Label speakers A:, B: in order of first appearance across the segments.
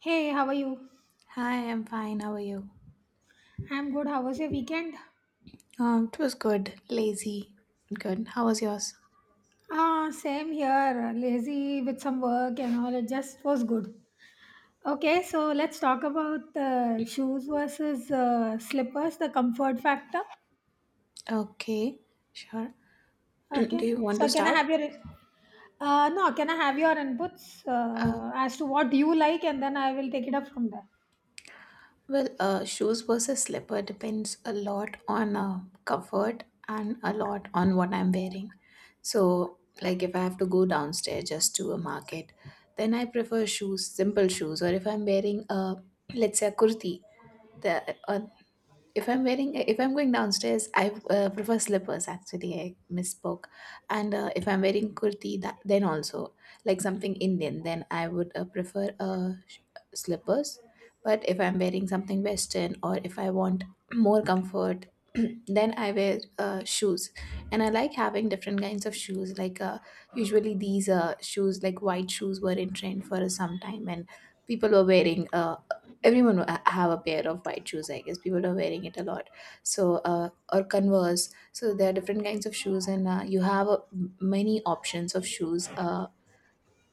A: Hey, how are you?
B: Hi, I'm fine. How are you?
A: I'm good. How was your weekend?
B: It was good. Lazy. Good. How was yours?
A: Ah, same here. Lazy with some work and all. It just was good. Okay, so let's talk about shoes versus slippers, the comfort factor.
B: Okay, sure. Do
A: Okay,
B: you want to
A: so can I
B: start?
A: have your no? Can I have your inputs
B: Uh,
A: as to what you like, and then I will take it up from there.
B: well, shoes versus slipper depends a lot on comfort and a lot on what I'm wearing. So, like if I have to go downstairs just to a market, then I prefer shoes, simple shoes. Or if I'm wearing a, let's say a kurti, the, if I'm wearing, if I'm going downstairs, I prefer slippers. Actually, I misspoke. And if I'm wearing kurti, then also like something Indian, then I would prefer slippers. But if I'm wearing something Western, or if I want more comfort, then I wear shoes. And I like having different kinds of shoes. Like usually these shoes, like white shoes, were in trend for some time, and people were wearing, everyone will have a pair of white shoes, I guess. People are wearing it a lot, so or converse. So there are different kinds of shoes, and you have many options of shoes uh,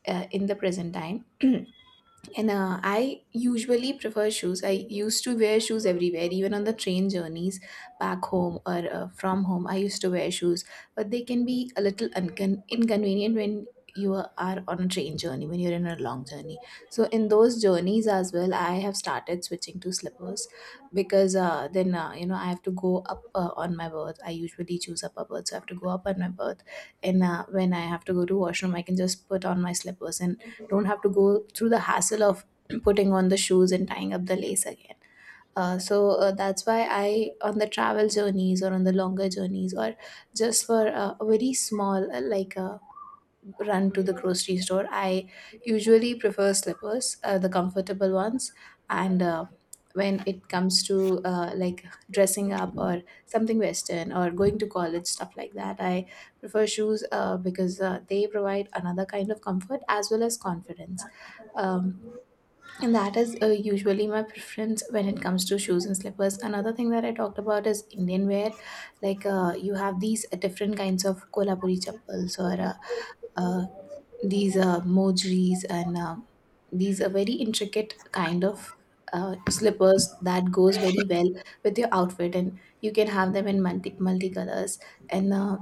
B: uh, in the present time. And I usually prefer shoes. I used to wear shoes everywhere, even on the train journeys back home or from home. I used to wear shoes, but they can be a little inconvenient when you are on a train journey, when you're in a long journey. So, in those journeys as well, I have started switching to slippers because then, I have to go up on my berth. I usually choose upper berth, so I have to go up on my berth. And when I have to go to washroom, I can just put on my slippers and don't have to go through the hassle of putting on the shoes and tying up the lace again. So that's why I, on the travel journeys or on the longer journeys, or just for a very small, like a run to the grocery store. I usually prefer slippers, the comfortable ones. And when it comes to like dressing up or something Western or going to college, stuff like that, I prefer shoes because they provide another kind of comfort as well as confidence. Um, and that is usually my preference when it comes to shoes and slippers. Another thing that I talked about is Indian wear. Like you have these different kinds of Kolhapuri chappals or uh, these mojeries and these are very intricate kind of slippers that goes very well with your outfit, and you can have them in multi colors. And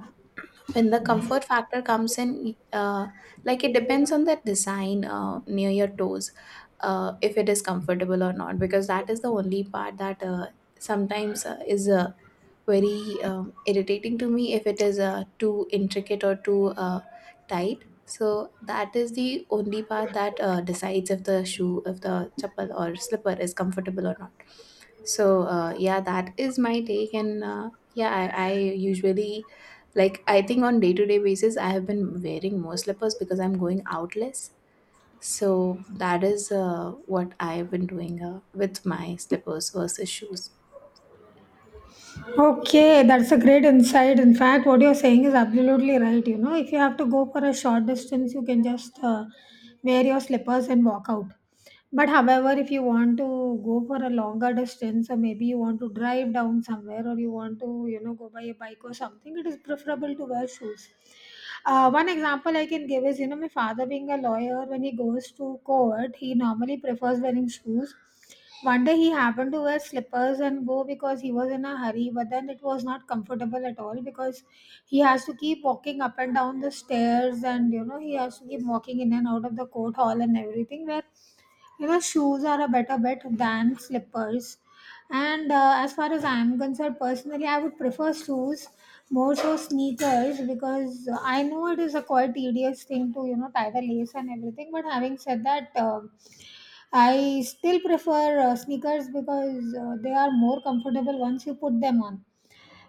B: when the comfort factor comes in, like it depends on the design near your toes, if it is comfortable or not, because that is the only part that sometimes is very irritating to me if it is too intricate or too tight. So that is the only part that decides if if the chappal or slipper is comfortable or not. So yeah, that is my take, and yeah, I usually, like I think, on day to day basis I have been wearing more slippers because I'm going out less. So that is what I've been doing with my slippers versus shoes.
A: Okay, that's a great insight. In fact, what you're saying is absolutely right. You know, if you have to go for a short distance, you can just wear your slippers and walk out. But, however, if you want to go for a longer distance, or maybe you want to drive down somewhere, or you want to, go by a bike or something, it is preferable to wear shoes. One example I can give is, my father being a lawyer, when he goes to court, he normally prefers wearing shoes. One day he happened to wear slippers and go because he was in a hurry, but then it was not comfortable at all, because he has to keep walking up and down the stairs, and he has to keep walking in and out of the court hall and everything, where shoes are a better bet than slippers. And as far as I am concerned, personally, I would prefer shoes, more so sneakers, because I know it is a quite tedious thing to tie the lace and everything, but having said that. I still prefer sneakers because they are more comfortable once you put them on.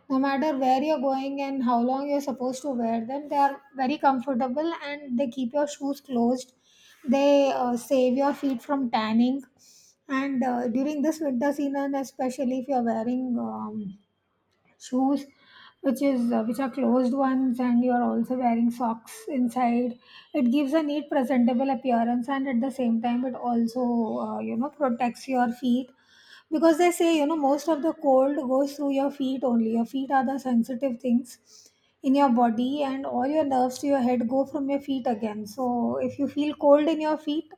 A: No matter where you're going and how long you're supposed to wear them, they are very comfortable and they keep your shoes closed. They save your feet from tanning. And during this winter season, especially if you're wearing shoes which are closed ones, and you are also wearing socks inside, it gives a neat presentable appearance, and at the same time it also protects your feet, because they say most of the cold goes through your feet. Only your feet are the sensitive things in your body, and all your nerves to your head go from your feet again. So if you feel cold in your feet,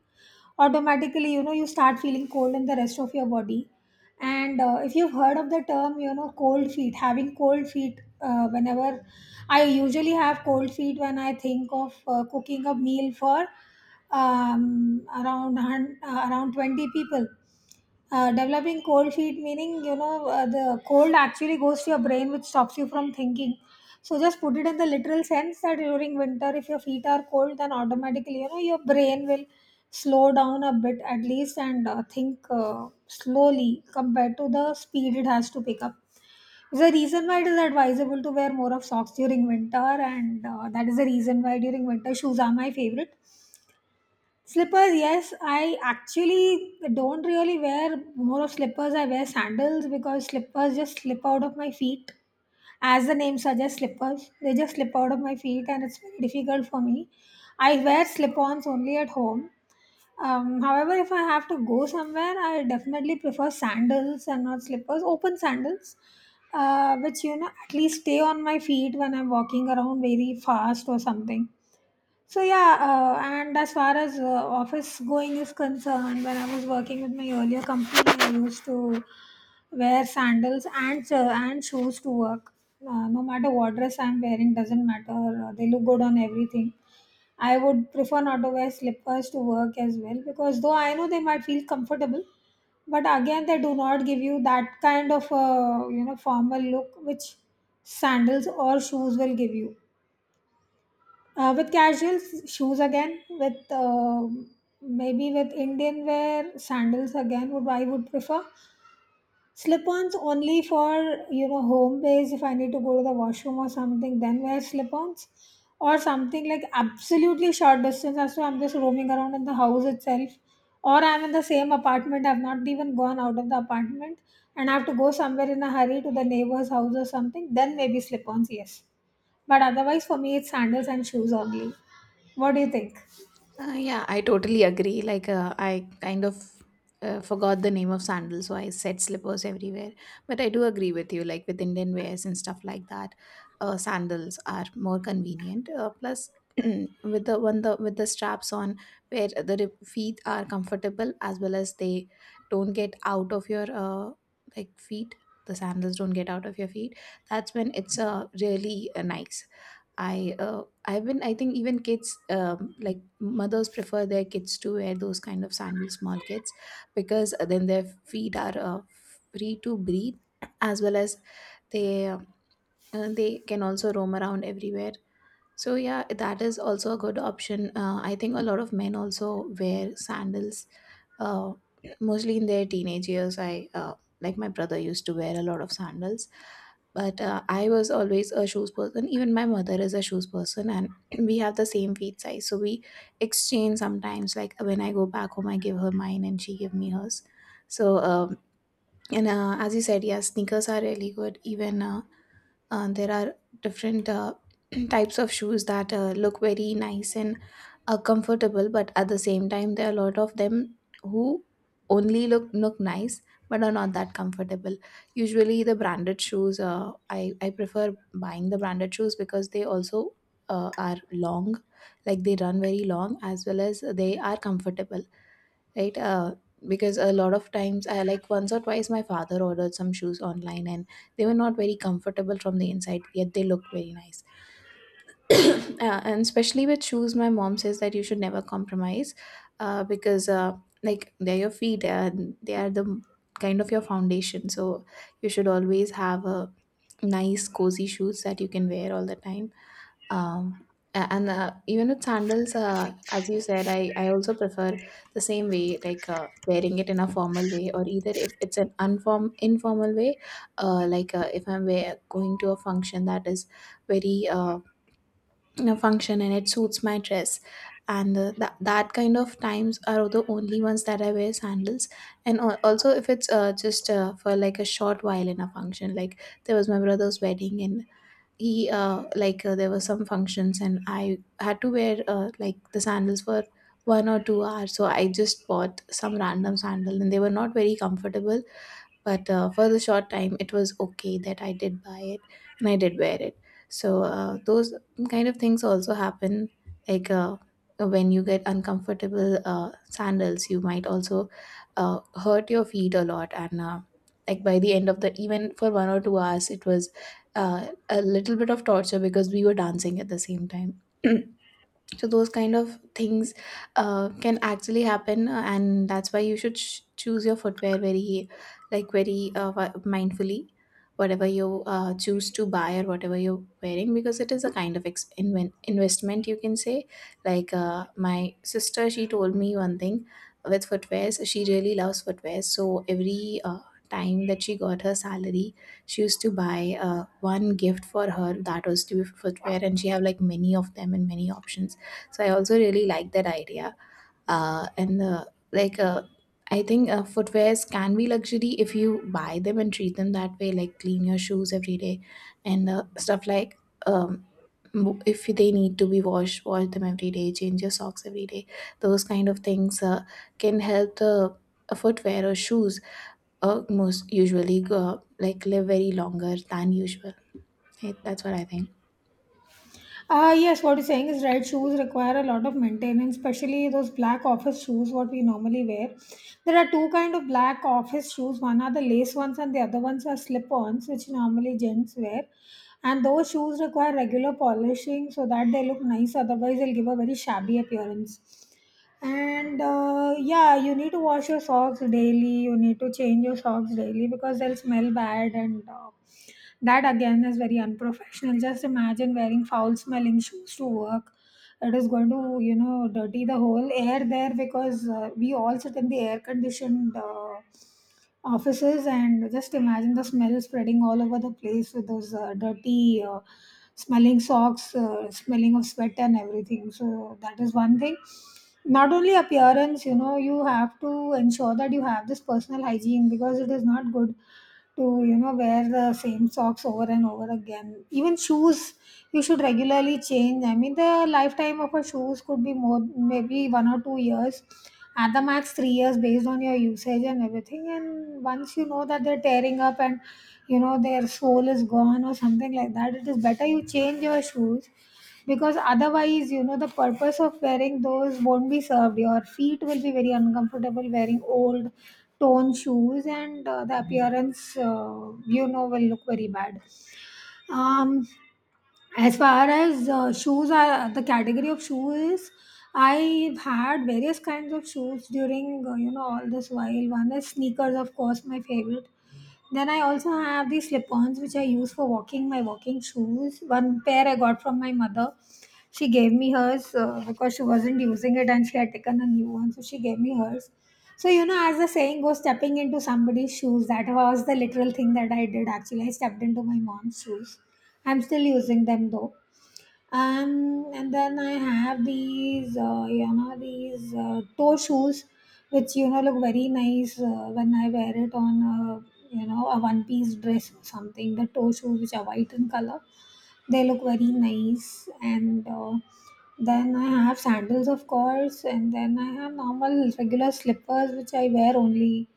A: automatically, you start feeling cold in the rest of your body. And if you've heard of the term, cold feet, having cold feet, whenever. I usually have cold feet when I think of cooking a meal for around around 20 people. Developing cold feet meaning, the cold actually goes to your brain, which stops you from thinking. So just put it in the literal sense that during winter, if your feet are cold, then automatically, your brain will slow down a bit at least, and think slowly compared to the speed it has to pick up. Is the reason why it is advisable to wear more of socks during winter, and that is the reason why during winter shoes are my favorite. Slippers, yes. I actually don't really wear more of slippers. I wear sandals because slippers just slip out of my feet. As the name suggests, slippers, they just slip out of my feet, and it's very difficult for me. I wear slip ons only at home. However, if I have to go somewhere, I definitely prefer sandals and not slippers, open sandals, which, at least stay on my feet when I'm walking around very fast or something. So yeah, and as far as office going is concerned, when I was working with my earlier company, I used to wear sandals and shoes to work. No matter what dress I'm wearing, doesn't matter. They look good on everything. I would prefer not to wear slippers to work as well, because though I know they might feel comfortable, but again they do not give you that kind of formal look which sandals or shoes will give you, with casual shoes again, with maybe with Indian wear, sandals again would I would prefer. Slip-ons only for home base. If I need to go to the washroom or something, then wear slip-ons or something, like absolutely short distance. As to I'm just roaming around in the house itself, or I'm in the same apartment. I've not even gone out of the apartment, and I have to go somewhere in a hurry to the neighbor's house or something. Then maybe slip-ons, yes. But otherwise, for me, it's sandals and shoes only. What do you think?
B: Yeah, I totally agree. Like, I kind of forgot the name of sandals, so I said slippers everywhere. But I do agree with you, like with Indian wears and stuff like that, sandals are more convenient. Plus, with the straps on, where the feet are comfortable as well as they don't get out of your like feet. The sandals don't get out of your feet. That's when it's really nice. I've been, I think, even kids, like mothers prefer their kids to wear those kind of sandals, small kids, because then their feet are free to breathe, as well as they uh, they can also roam around everywhere. So yeah, that is also a good option. I think a lot of men also wear sandals, uh, mostly in their teenage years, I like my brother used to wear a lot of sandals. But I was always a shoes person. Even my mother is a shoes person, and we have the same feet size, so we exchange sometimes, like when I go back home, I give her mine and she give me hers. So and as you said, yeah, sneakers are really good. Even there are different types of shoes that look very nice and comfortable, but at the same time, there are a lot of them who only look nice but are not that comfortable. Usually, the branded shoes, I prefer buying the branded shoes because they also are long, like they run very long, as well as they are comfortable, right, because a lot of times I, like once or twice, my father ordered some shoes online and they were not very comfortable from the inside, yet they look very nice. And especially with shoes, my mom says that you should never compromise, because like they're your feet and they are the kind of your foundation, so you should always have a nice cozy shoes that you can wear all the time. Um, a- and uh, even with sandals, as you said, I also prefer the same way, like wearing it in a formal way, or either if it's an unform informal way, like if I'm going to a function that is very, function, and it suits my dress, and that kind of times are the only ones that I wear sandals. And also if it's just for like a short while in a function, like there was my brother's wedding, and he, like, there were some functions, and I had to wear like the sandals for 1 or 2 hours. So I just bought some random sandal, and they were not very comfortable, but for the short time it was okay that I did buy it and I did wear it. So those kind of things also happen, like when you get uncomfortable sandals, you might also uh, hurt your feet a lot. And like by the end of the, even for 1 or 2 hours, it was a little bit of torture because we were dancing at the same time. So those kind of things can actually happen, and that's why you should choose your footwear very, like, very mindfully, whatever you choose to buy or whatever you're wearing, because it is a kind of investment, you can say. Like my sister, she told me one thing. With footwears, she really loves footwear, so every time that she got her salary, she used to buy one gift for her that was to be footwear, and she have like many of them and many options. So I also really like that idea. And like I think footwears can be luxury if you buy them and treat them that way. Like clean your shoes every day and stuff like. Um, if they need to be washed, wash them every day, change your socks every day. Those kind of things can help the footwear or shoes most usually go, like live very longer than usual. Hey, that's what I think.
A: Ah, yes, what you're saying is right. Shoes require a lot of maintenance, especially those black office shoes, what we normally wear. There are two kind of black office shoes. One are the lace ones, and the other ones are slip-ons, which normally gents wear. And those shoes require regular polishing so that they look nice. Otherwise, they'll give a very shabby appearance. And yeah, you need to wash your socks daily, you need to change your socks daily because they'll smell bad, and that again is very unprofessional. Just imagine wearing foul smelling shoes to work. It is going to dirty the whole air there, because we all sit in the air conditioned offices, and just imagine the smell spreading all over the place with those dirty, smelling socks, smelling of sweat and everything. So that is one thing. Not only appearance, you have to ensure that you have this personal hygiene, because it is not good to wear the same socks over and over again. Even shoes you should regularly change. I mean, the lifetime of a shoes could be more, maybe 1 or 2 years, at the max 3 years, based on your usage and everything. And once you know that they're tearing up, and their sole is gone or something like that, it is better you change your shoes, because otherwise, the purpose of wearing those won't be served. Your feet will be very uncomfortable wearing old torn shoes, and the appearance, will look very bad. um, as far as shoes are, the category of shoes, I've had various kinds of shoes during, all this while. One is sneakers, of course, my favorite. Then I also have these slip-ons which I use for walking, my walking shoes. One pair I got from my mother. She gave me hers because she wasn't using it, and she had taken a new one, so she gave me hers. So, as the saying goes, stepping into somebody's shoes. That was the literal thing that I did. Actually, I stepped into my mom's shoes. I'm still using them though. And then I have these toe shoes, which look very nice when I wear it on a one-piece dress or something. The toe shoes, which are white in color, they look very nice. And then I have sandals, of course, and then I have normal regular slippers, which I wear only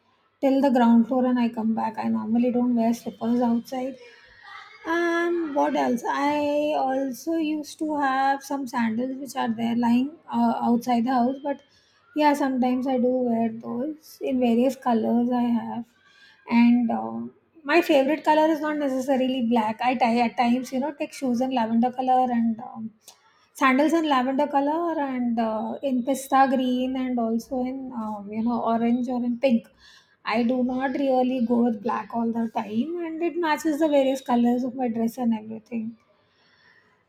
A: till the ground floor and I come back. I normally don't wear slippers outside. And what else? I also used to have some sandals which are there lying outside the house, but yeah, sometimes I do wear those in various colors I have. And my favorite color is not necessarily black. I tie at times, take shoes in lavender color, and sandals in lavender color, and in pista green, and also in orange, or in pink. I do not really go with black all the time, and it matches the various colors of my dress and everything.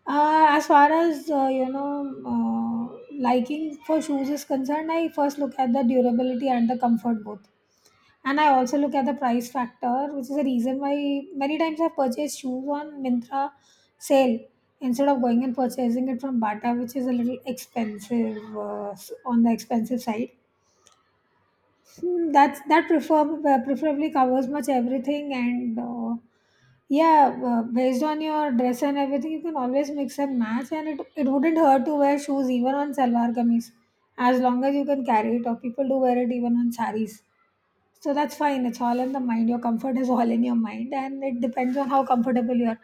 A: As far as liking for shoes is concerned, I first look at the durability and the comfort both, and I also look at the price factor, which is the reason why many times I've purchased shoes on Mintra sale, instead of going and purchasing it from Bata, which is a little expensive, on the expensive side. Hmm. That's that prefer preferably covers much everything, and yeah, based on your dress and everything, you can always mix and match, and it wouldn't hurt to wear shoes even on salwar kameez, as long as you can carry it. Or people do wear it even on saris, so that's fine. It's all in the mind. Your comfort is all in your mind, and it depends on how comfortable you are.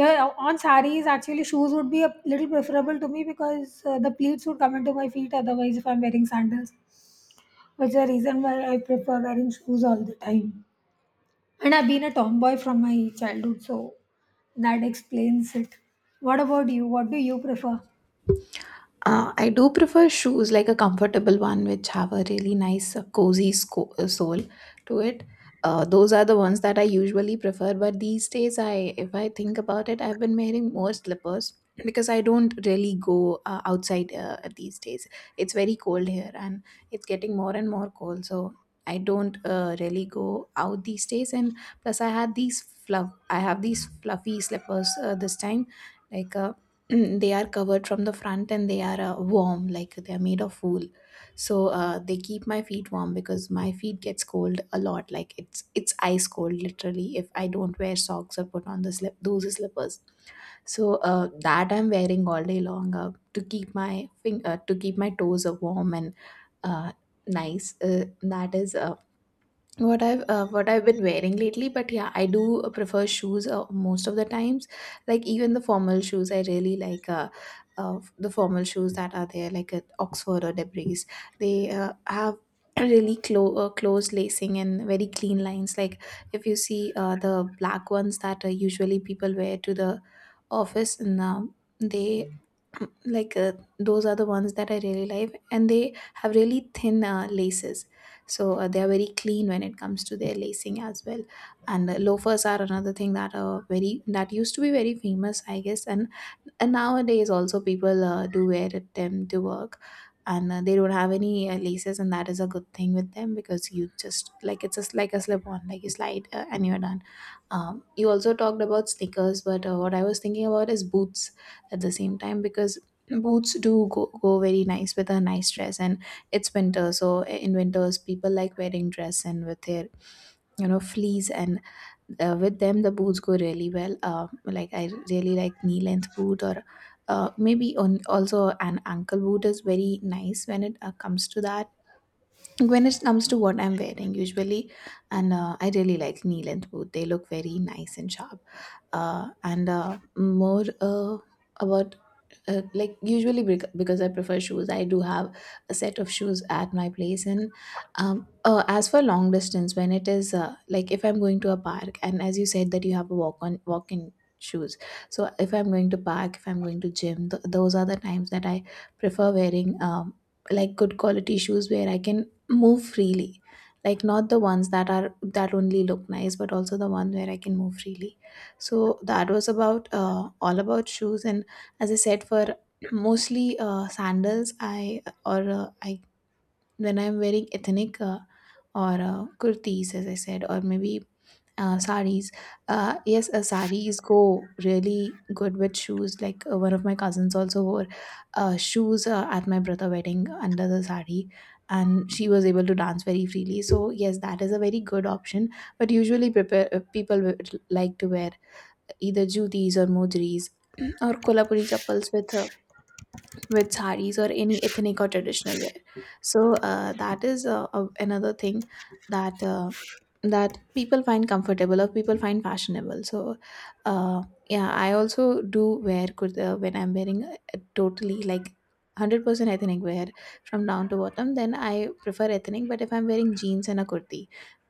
A: Yeah, on saris actually shoes would be a little preferable to me because the pleats would come into my feet. Otherwise, if I'm wearing sandals, it's the reason why I prefer wearing shoes all the time. And I've been a tomboy from my childhood, so that explains it. What about you? What do you prefer?
B: I do prefer shoes like a comfortable one which have a really nice cozy sole to it. Those are the ones that I usually prefer, but these days I if I think about it, I've been wearing more slippers because I don't really go outside these days. It's very cold here, and it's getting more and more cold, so I don't really go out these days. And plus I had these fluff I have these fluffy slippers this time like Mm, they are covered from the front, and they are warm, like they are made of wool. So they keep my feet warm because my feet gets cold a lot, like it's ice cold literally if I don't wear socks or put on the slip those slippers. So that I'm wearing all day long to keep my to keep my toes warm and uh, nice. Uh, that is what I've been wearing lately, but yeah, I do prefer shoes most of the times. Like even the formal shoes, I really like the formal shoes that are there, like at Oxford or Debris. They have really close lacing and very clean lines. Like if you see the black ones that usually people wear to the office, and they like those are the ones that I really like, and they have really thin laces. So they are very clean when it comes to their lacing as well. And loafers are another thing that are very that used to be very famous, I guess. And nowadays also people do wear them to work, and they don't have any laces, and that is a good thing with them because you just like it's just like a slip on, like you slide and you're done. You also talked about sneakers, but what I was thinking about is boots at the same time because boots do go very nice with a nice dress. And it's winter, so in winters people like wearing dress, and with their you know fleece and with them the boots go really well. Uh, like I really like knee length boot, or maybe on also an ankle boot is very nice when it comes to that, when it comes to what I'm wearing usually. And I really like knee length boot, they look very nice and sharp. And more about like usually because I prefer shoes, I do have a set of shoes at my place. And as for long distance, when it is like if I'm going to a park, and as you said that you have a walk on walk in shoes, so if I'm going to park, if I'm going to gym, those are the times that I prefer wearing like good quality shoes where I can move freely. Like not the ones that are that only look nice, but also the one where I can move freely. So that was about all about shoes. And as I said, for mostly sandals, I when I'm wearing ethnic or kurtis, as I said, or maybe saris. Yes, saris go really good with shoes. Like one of my cousins also wore shoes at my brother wedding under the sari, and she was able to dance very freely. So yes, that is a very good option. But usually, prepare, people would like to wear either jutis or mojris or kolhapuri chappals with saris or any ethnic or traditional wear. So that is another thing that that people find comfortable or people find fashionable. So uh, yeah, I also do wear kurta when I'm wearing a totally like 100% ethnic wear from down to bottom. Then I prefer ethnic, but if I'm wearing jeans and a kurti,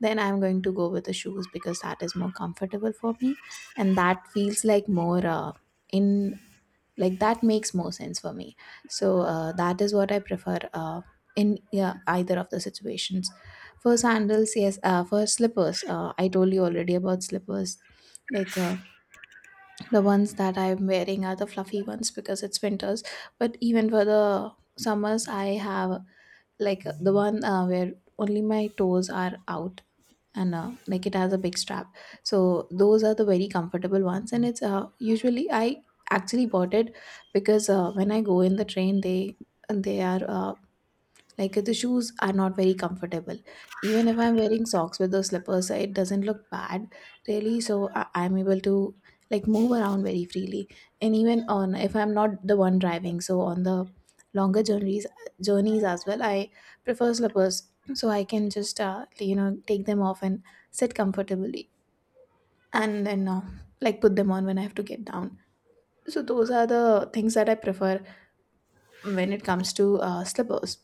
B: then I'm going to go with the shoes because that is more comfortable for me, and that feels like more in like that makes more sense for me. So that is what I prefer in yeah, either of the situations. For sandals, yes. For slippers, I told you already about slippers. Like the ones that I'm wearing are the fluffy ones because it's winters. But even for the summers, I have like the one where only my toes are out, and like it has a big strap, so those are the very comfortable ones. And it's usually I actually bought it because when I go in the train they are like the shoes are not very comfortable. Even if I'm wearing socks with those slippers, it doesn't look bad really. So I'm able to like move around very freely. And even on if I'm not the one driving, so on the longer journeys as well, I prefer slippers so I can just you know take them off and sit comfortably, and then like put them on when I have to get down. So those are the things that I prefer when it comes to slippers.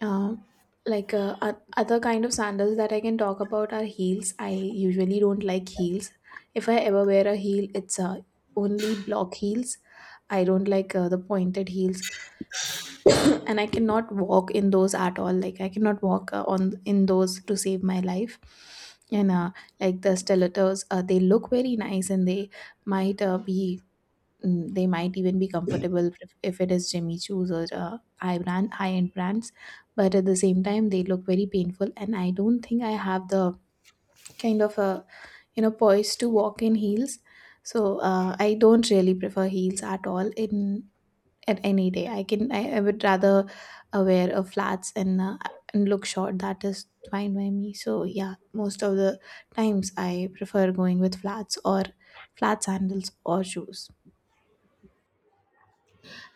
B: Um, like other kind of sandals that I can talk about are heels. I usually don't like heels. If I ever wear a heel, it's only block heels. I don't like the pointed heels, and I cannot walk in those at all. Like I cannot walk on in those to save my life. And like the stilettos, they look very nice, and they might be they might even be comfortable if it is Jimmy Choo's or high brand high end brands, but at the same time they look very painful, and I don't think I have the kind of a you know poise to walk in heels. So I don't really prefer heels at all in at any day. I would rather wear a flats and look short. That is fine by me. So yeah, most of the times I prefer going with flats or flat sandals or shoes.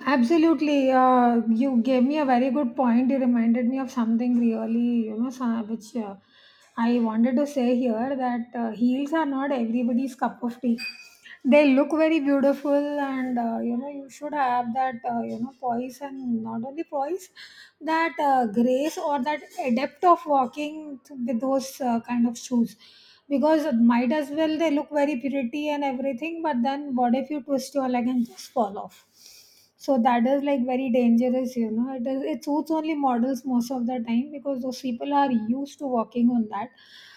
A: Absolutely. You gave me a very good point. You reminded me of something really, you know, so- which I wanted to say here that heels are not everybody's cup of tea. They look very beautiful, and you know, you should have that, you know, poise, and not only poise, that grace or that adept of walking with those kind of shoes. Because might as well they look very pretty and everything, but then what if you twist your leg and just fall off? So that is like very dangerous, you know. It suits only models most of the time because those people are used to walking on that.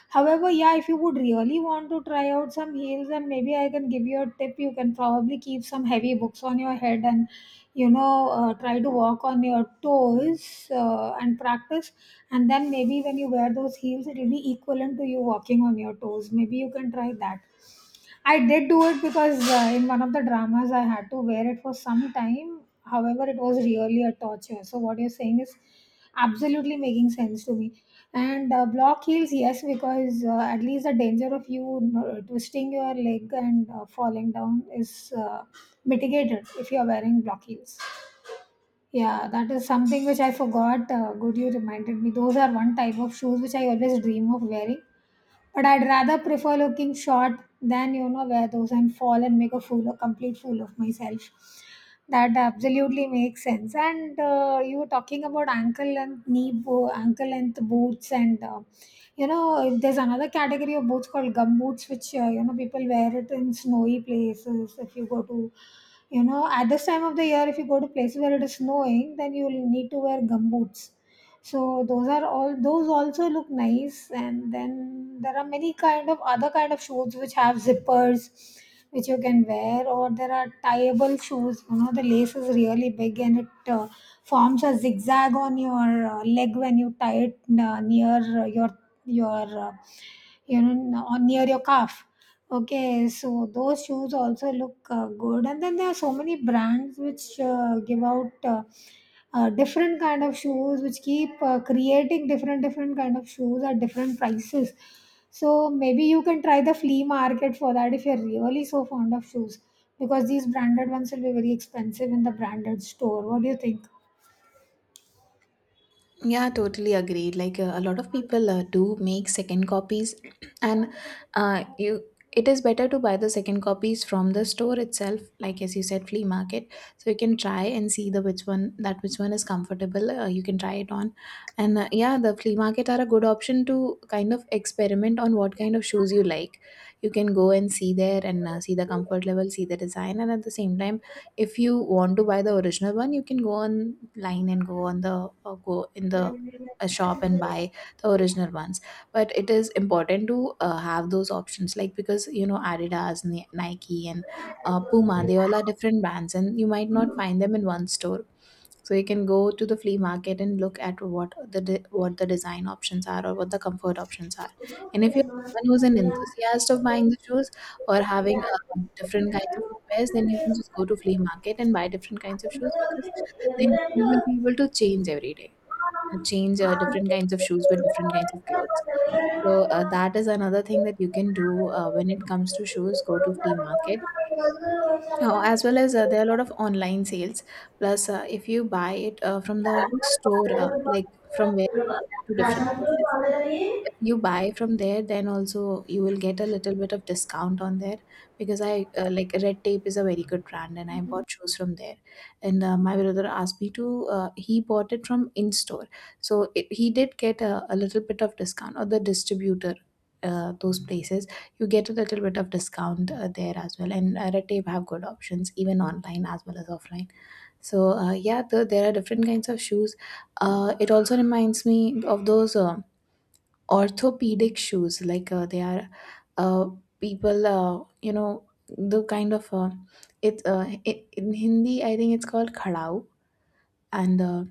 A: However, yeah, if you would really want to try out some heels, then maybe I can give you a tip. You can probably keep some heavy books on your head, and you know, try to walk on your toes, and practice. And then maybe when you wear those heels, it will be equivalent to you walking on your toes. Maybe you can try that. I did do it because in one of the dramas I had to wear it for some time. However, it was really a torture. So what you're saying is absolutely making sense to me. And block heels, yes, because at least the danger of you twisting your leg and falling down is mitigated if you're wearing block heels. Yeah, that is something which I forgot. Good, you reminded me. Those are one type of shoes which I always dream of wearing, but I'd rather prefer looking short than, you know, wear those and fall and make a fool, a complete fool of myself. That absolutely makes sense. And you were talking about ankle length, knee, ankle length boots, and you know, there's another category of boots called gum boots, which you know, people wear it in snowy places. If you go to, you know, at this time of the year, if you go to places where it is snowing, then you'll need to wear gum boots. So those are all, those also look nice. And then there are many kind of other kind of shoes which have zippers, which you can wear, or there are tieable shoes, you know, the lace is really big, and it forms a zigzag on your leg when you tie it near your uh, you know, on near your calf. Okay, so those shoes also look good. And then there are so many brands which give out different kind of shoes, which keep creating different kind of shoes at different prices. So maybe you can try the flea market for that if you're really so fond of shoes, because these branded ones will be very expensive in the branded store. What do you
B: Yeah, totally agreed. Like a lot of people do make second copies, and you it is better to buy the second copies from the store itself, like as you said, flea market. So you can try and see the which one is comfortable. You can try it on, and yeah, the flea market are a good option to kind of experiment on what kind of shoes you like. You can go and see there, and see the comfort level, see the design, and at the same time if you want to buy the original one, you can go online and go on the go in the a shop and buy the original ones. But it is important to have those options, like because you know Adidas, Nike, and Puma, they all are different brands, and you might not find them in one store. So you can go to the flea market and look at what the what the design options are, or what the comfort options are. And if you're someone who's an enthusiast of buying the shoes or having different kinds of footwears, then you can
A: think?
B: just go to flea market and buy different kinds of shoes, because then you will be able to change every day. Change different kinds of shoes with different kinds of clothes. So that is another thing that you can do when it comes to shoes. Go to flea market, as well as there are a lot of online sales. Plus, if you buy it from the store, like from where to different
A: రసంతులు
B: places,
A: పొందలని.
B: if you buy from there, then also you will get a little bit of discount on there. Because I like Red Tape is a very good brand, and I bought shoes from there. And my brother asked me to, he bought it from in store. So it, he did get a little bit of discount, or the distributor. Those places you get a little bit of discount there as well. And Red Tape have good options even online as well as offline. So yeah, there are different kinds of shoes. Uh, it also reminds me of those orthopedic shoes, like they are uh, people you know the kind of it's I in Hindi I think it's called khadau. And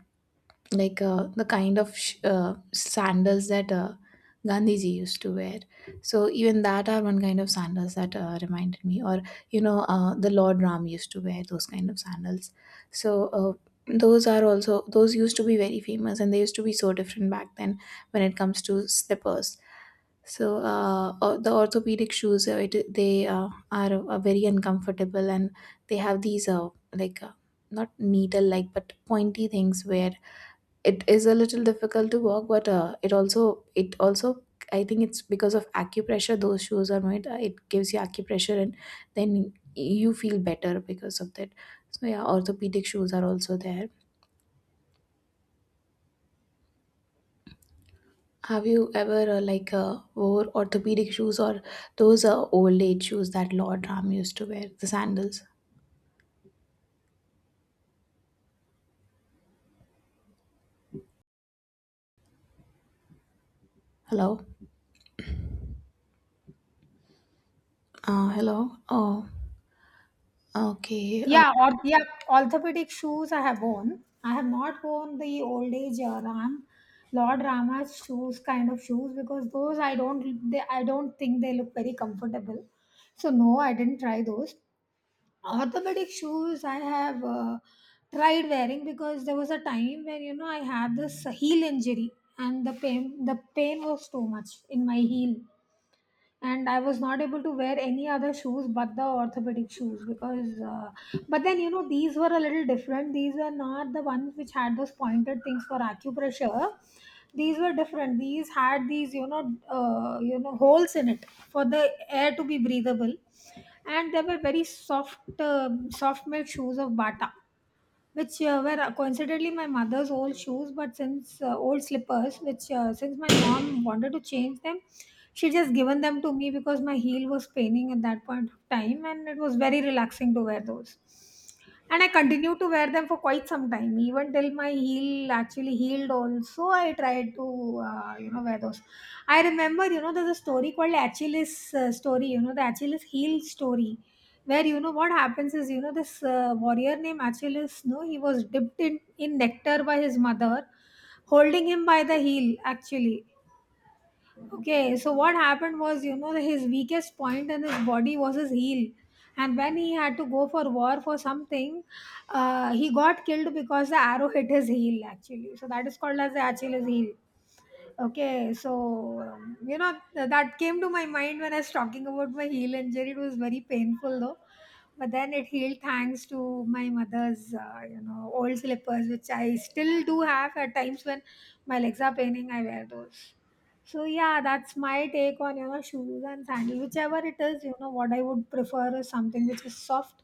B: like the kind of sandals that Gandhiji used to wear. So even that are one kind of sandals that reminded me, or you know the Lord Ram used to wear those kind of sandals. So those are also those used to be very famous, and they used to be so different back then. When it comes to slippers, so the orthopedic shoes, they are very uncomfortable, and they have these like not needle like but pointy things where it is a little difficult to walk. But it also I think it's because of acupressure those shoes are made. It gives you acupressure, and then you feel better because of that. So yeah, orthopedic shoes are also there. Have you ever wore orthopedic shoes, or those old age shoes that Lord Ram used to wear, the sandals? Hello, hello. Oh, okay.
A: Yeah, or yeah, orthopedic shoes I have worn. I have not worn the old age Ram, Lord Rama's shoes kind of shoes, because those I don't, they I don't think they look very comfortable. So no, I didn't try those. Orthopedic shoes I have tried wearing because there was a time when, you know, I had this heel injury, and the pain was too much in my heel, and I was not able to wear any other shoes but the orthopedic shoes because but then, you know, these were a little different. These were not the ones which had those pointed things for acupressure. These were different. These had these, you know, you know, holes in it for the air to be breathable, and they were very soft, soft made shoes of Bata, which were coincidentally my mother's old shoes, but since old slippers, which since my mom wanted to change them, she just given them to me because my heel was paining at that point of time, and it was very relaxing to wear those. And I continued to wear them for quite some time. Even till my heel actually healed also, I tried to you know, wear those. I remember, you know, there's a story called Achilles, story, you know, the Achilles heel story, where, you know, what happens is, you know, this warrior named Achilles, no, he was dipped in nectar by his mother, holding him by the heel actually. Okay, so what happened was, you know, his weakest point in his body was his heel. And when he had to go for war for something, he got killed because the arrow hit his heel, actually. So that is called as the Achilles heel. Okay, so, you know, that came to my mind when I was talking about my heel injury. It was very painful though. But then it healed, thanks to my mother's, you know, old slippers, which I still do have. At times when my legs are paining, I wear those. So yeah, that's my take on, you know, shoes and sandal, whichever it is. You know what I would prefer is something which is soft,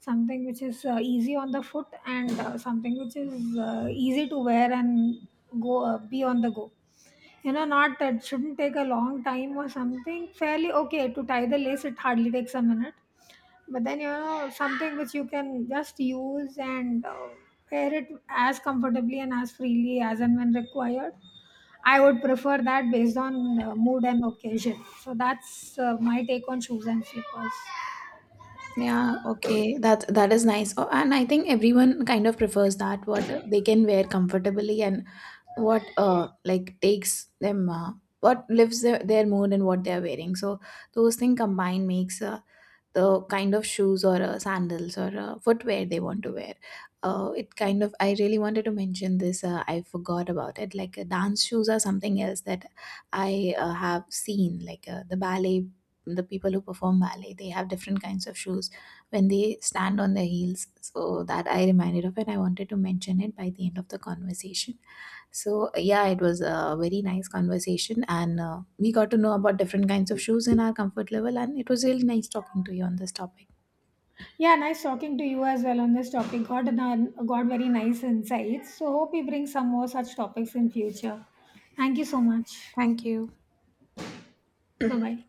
A: something which is easy on the foot, and something which is easy to wear and go, be on the go. You know, not that, shouldn't take a long time or something. Fairly okay to tie the lace. It hardly takes a minute, but then, you know, something which you can just use and wear it as comfortably and as freely as and when required. I would prefer that based on mood and occasion. So that's my take on shoes and slippers.
B: Yeah, okay. That that is nice. Oh, and I think everyone kind of prefers that what they can wear comfortably, and what like takes them what lives their mood and what they're wearing. So those things combined makes the kind of shoes or sandals or footwear they want to wear. Uh, it kind of, I really wanted to mention this, I forgot about it. Like dance shoes are something else that I have seen, like the ballet, the people who perform ballet, they have different kinds of shoes when they stand on their heels. So that I reminded of it, I wanted to mention it by the end of the conversation. So yeah, it was a very nice conversation, and we got to know about different kinds of shoes and our comfort level, and it was really nice talking to you on this topic.
A: Yeah, nice talking to you as well on this topic. Got very nice insights. So hope we bring some more such topics in future. Thank you so much.
B: Thank you.
A: Bye bye.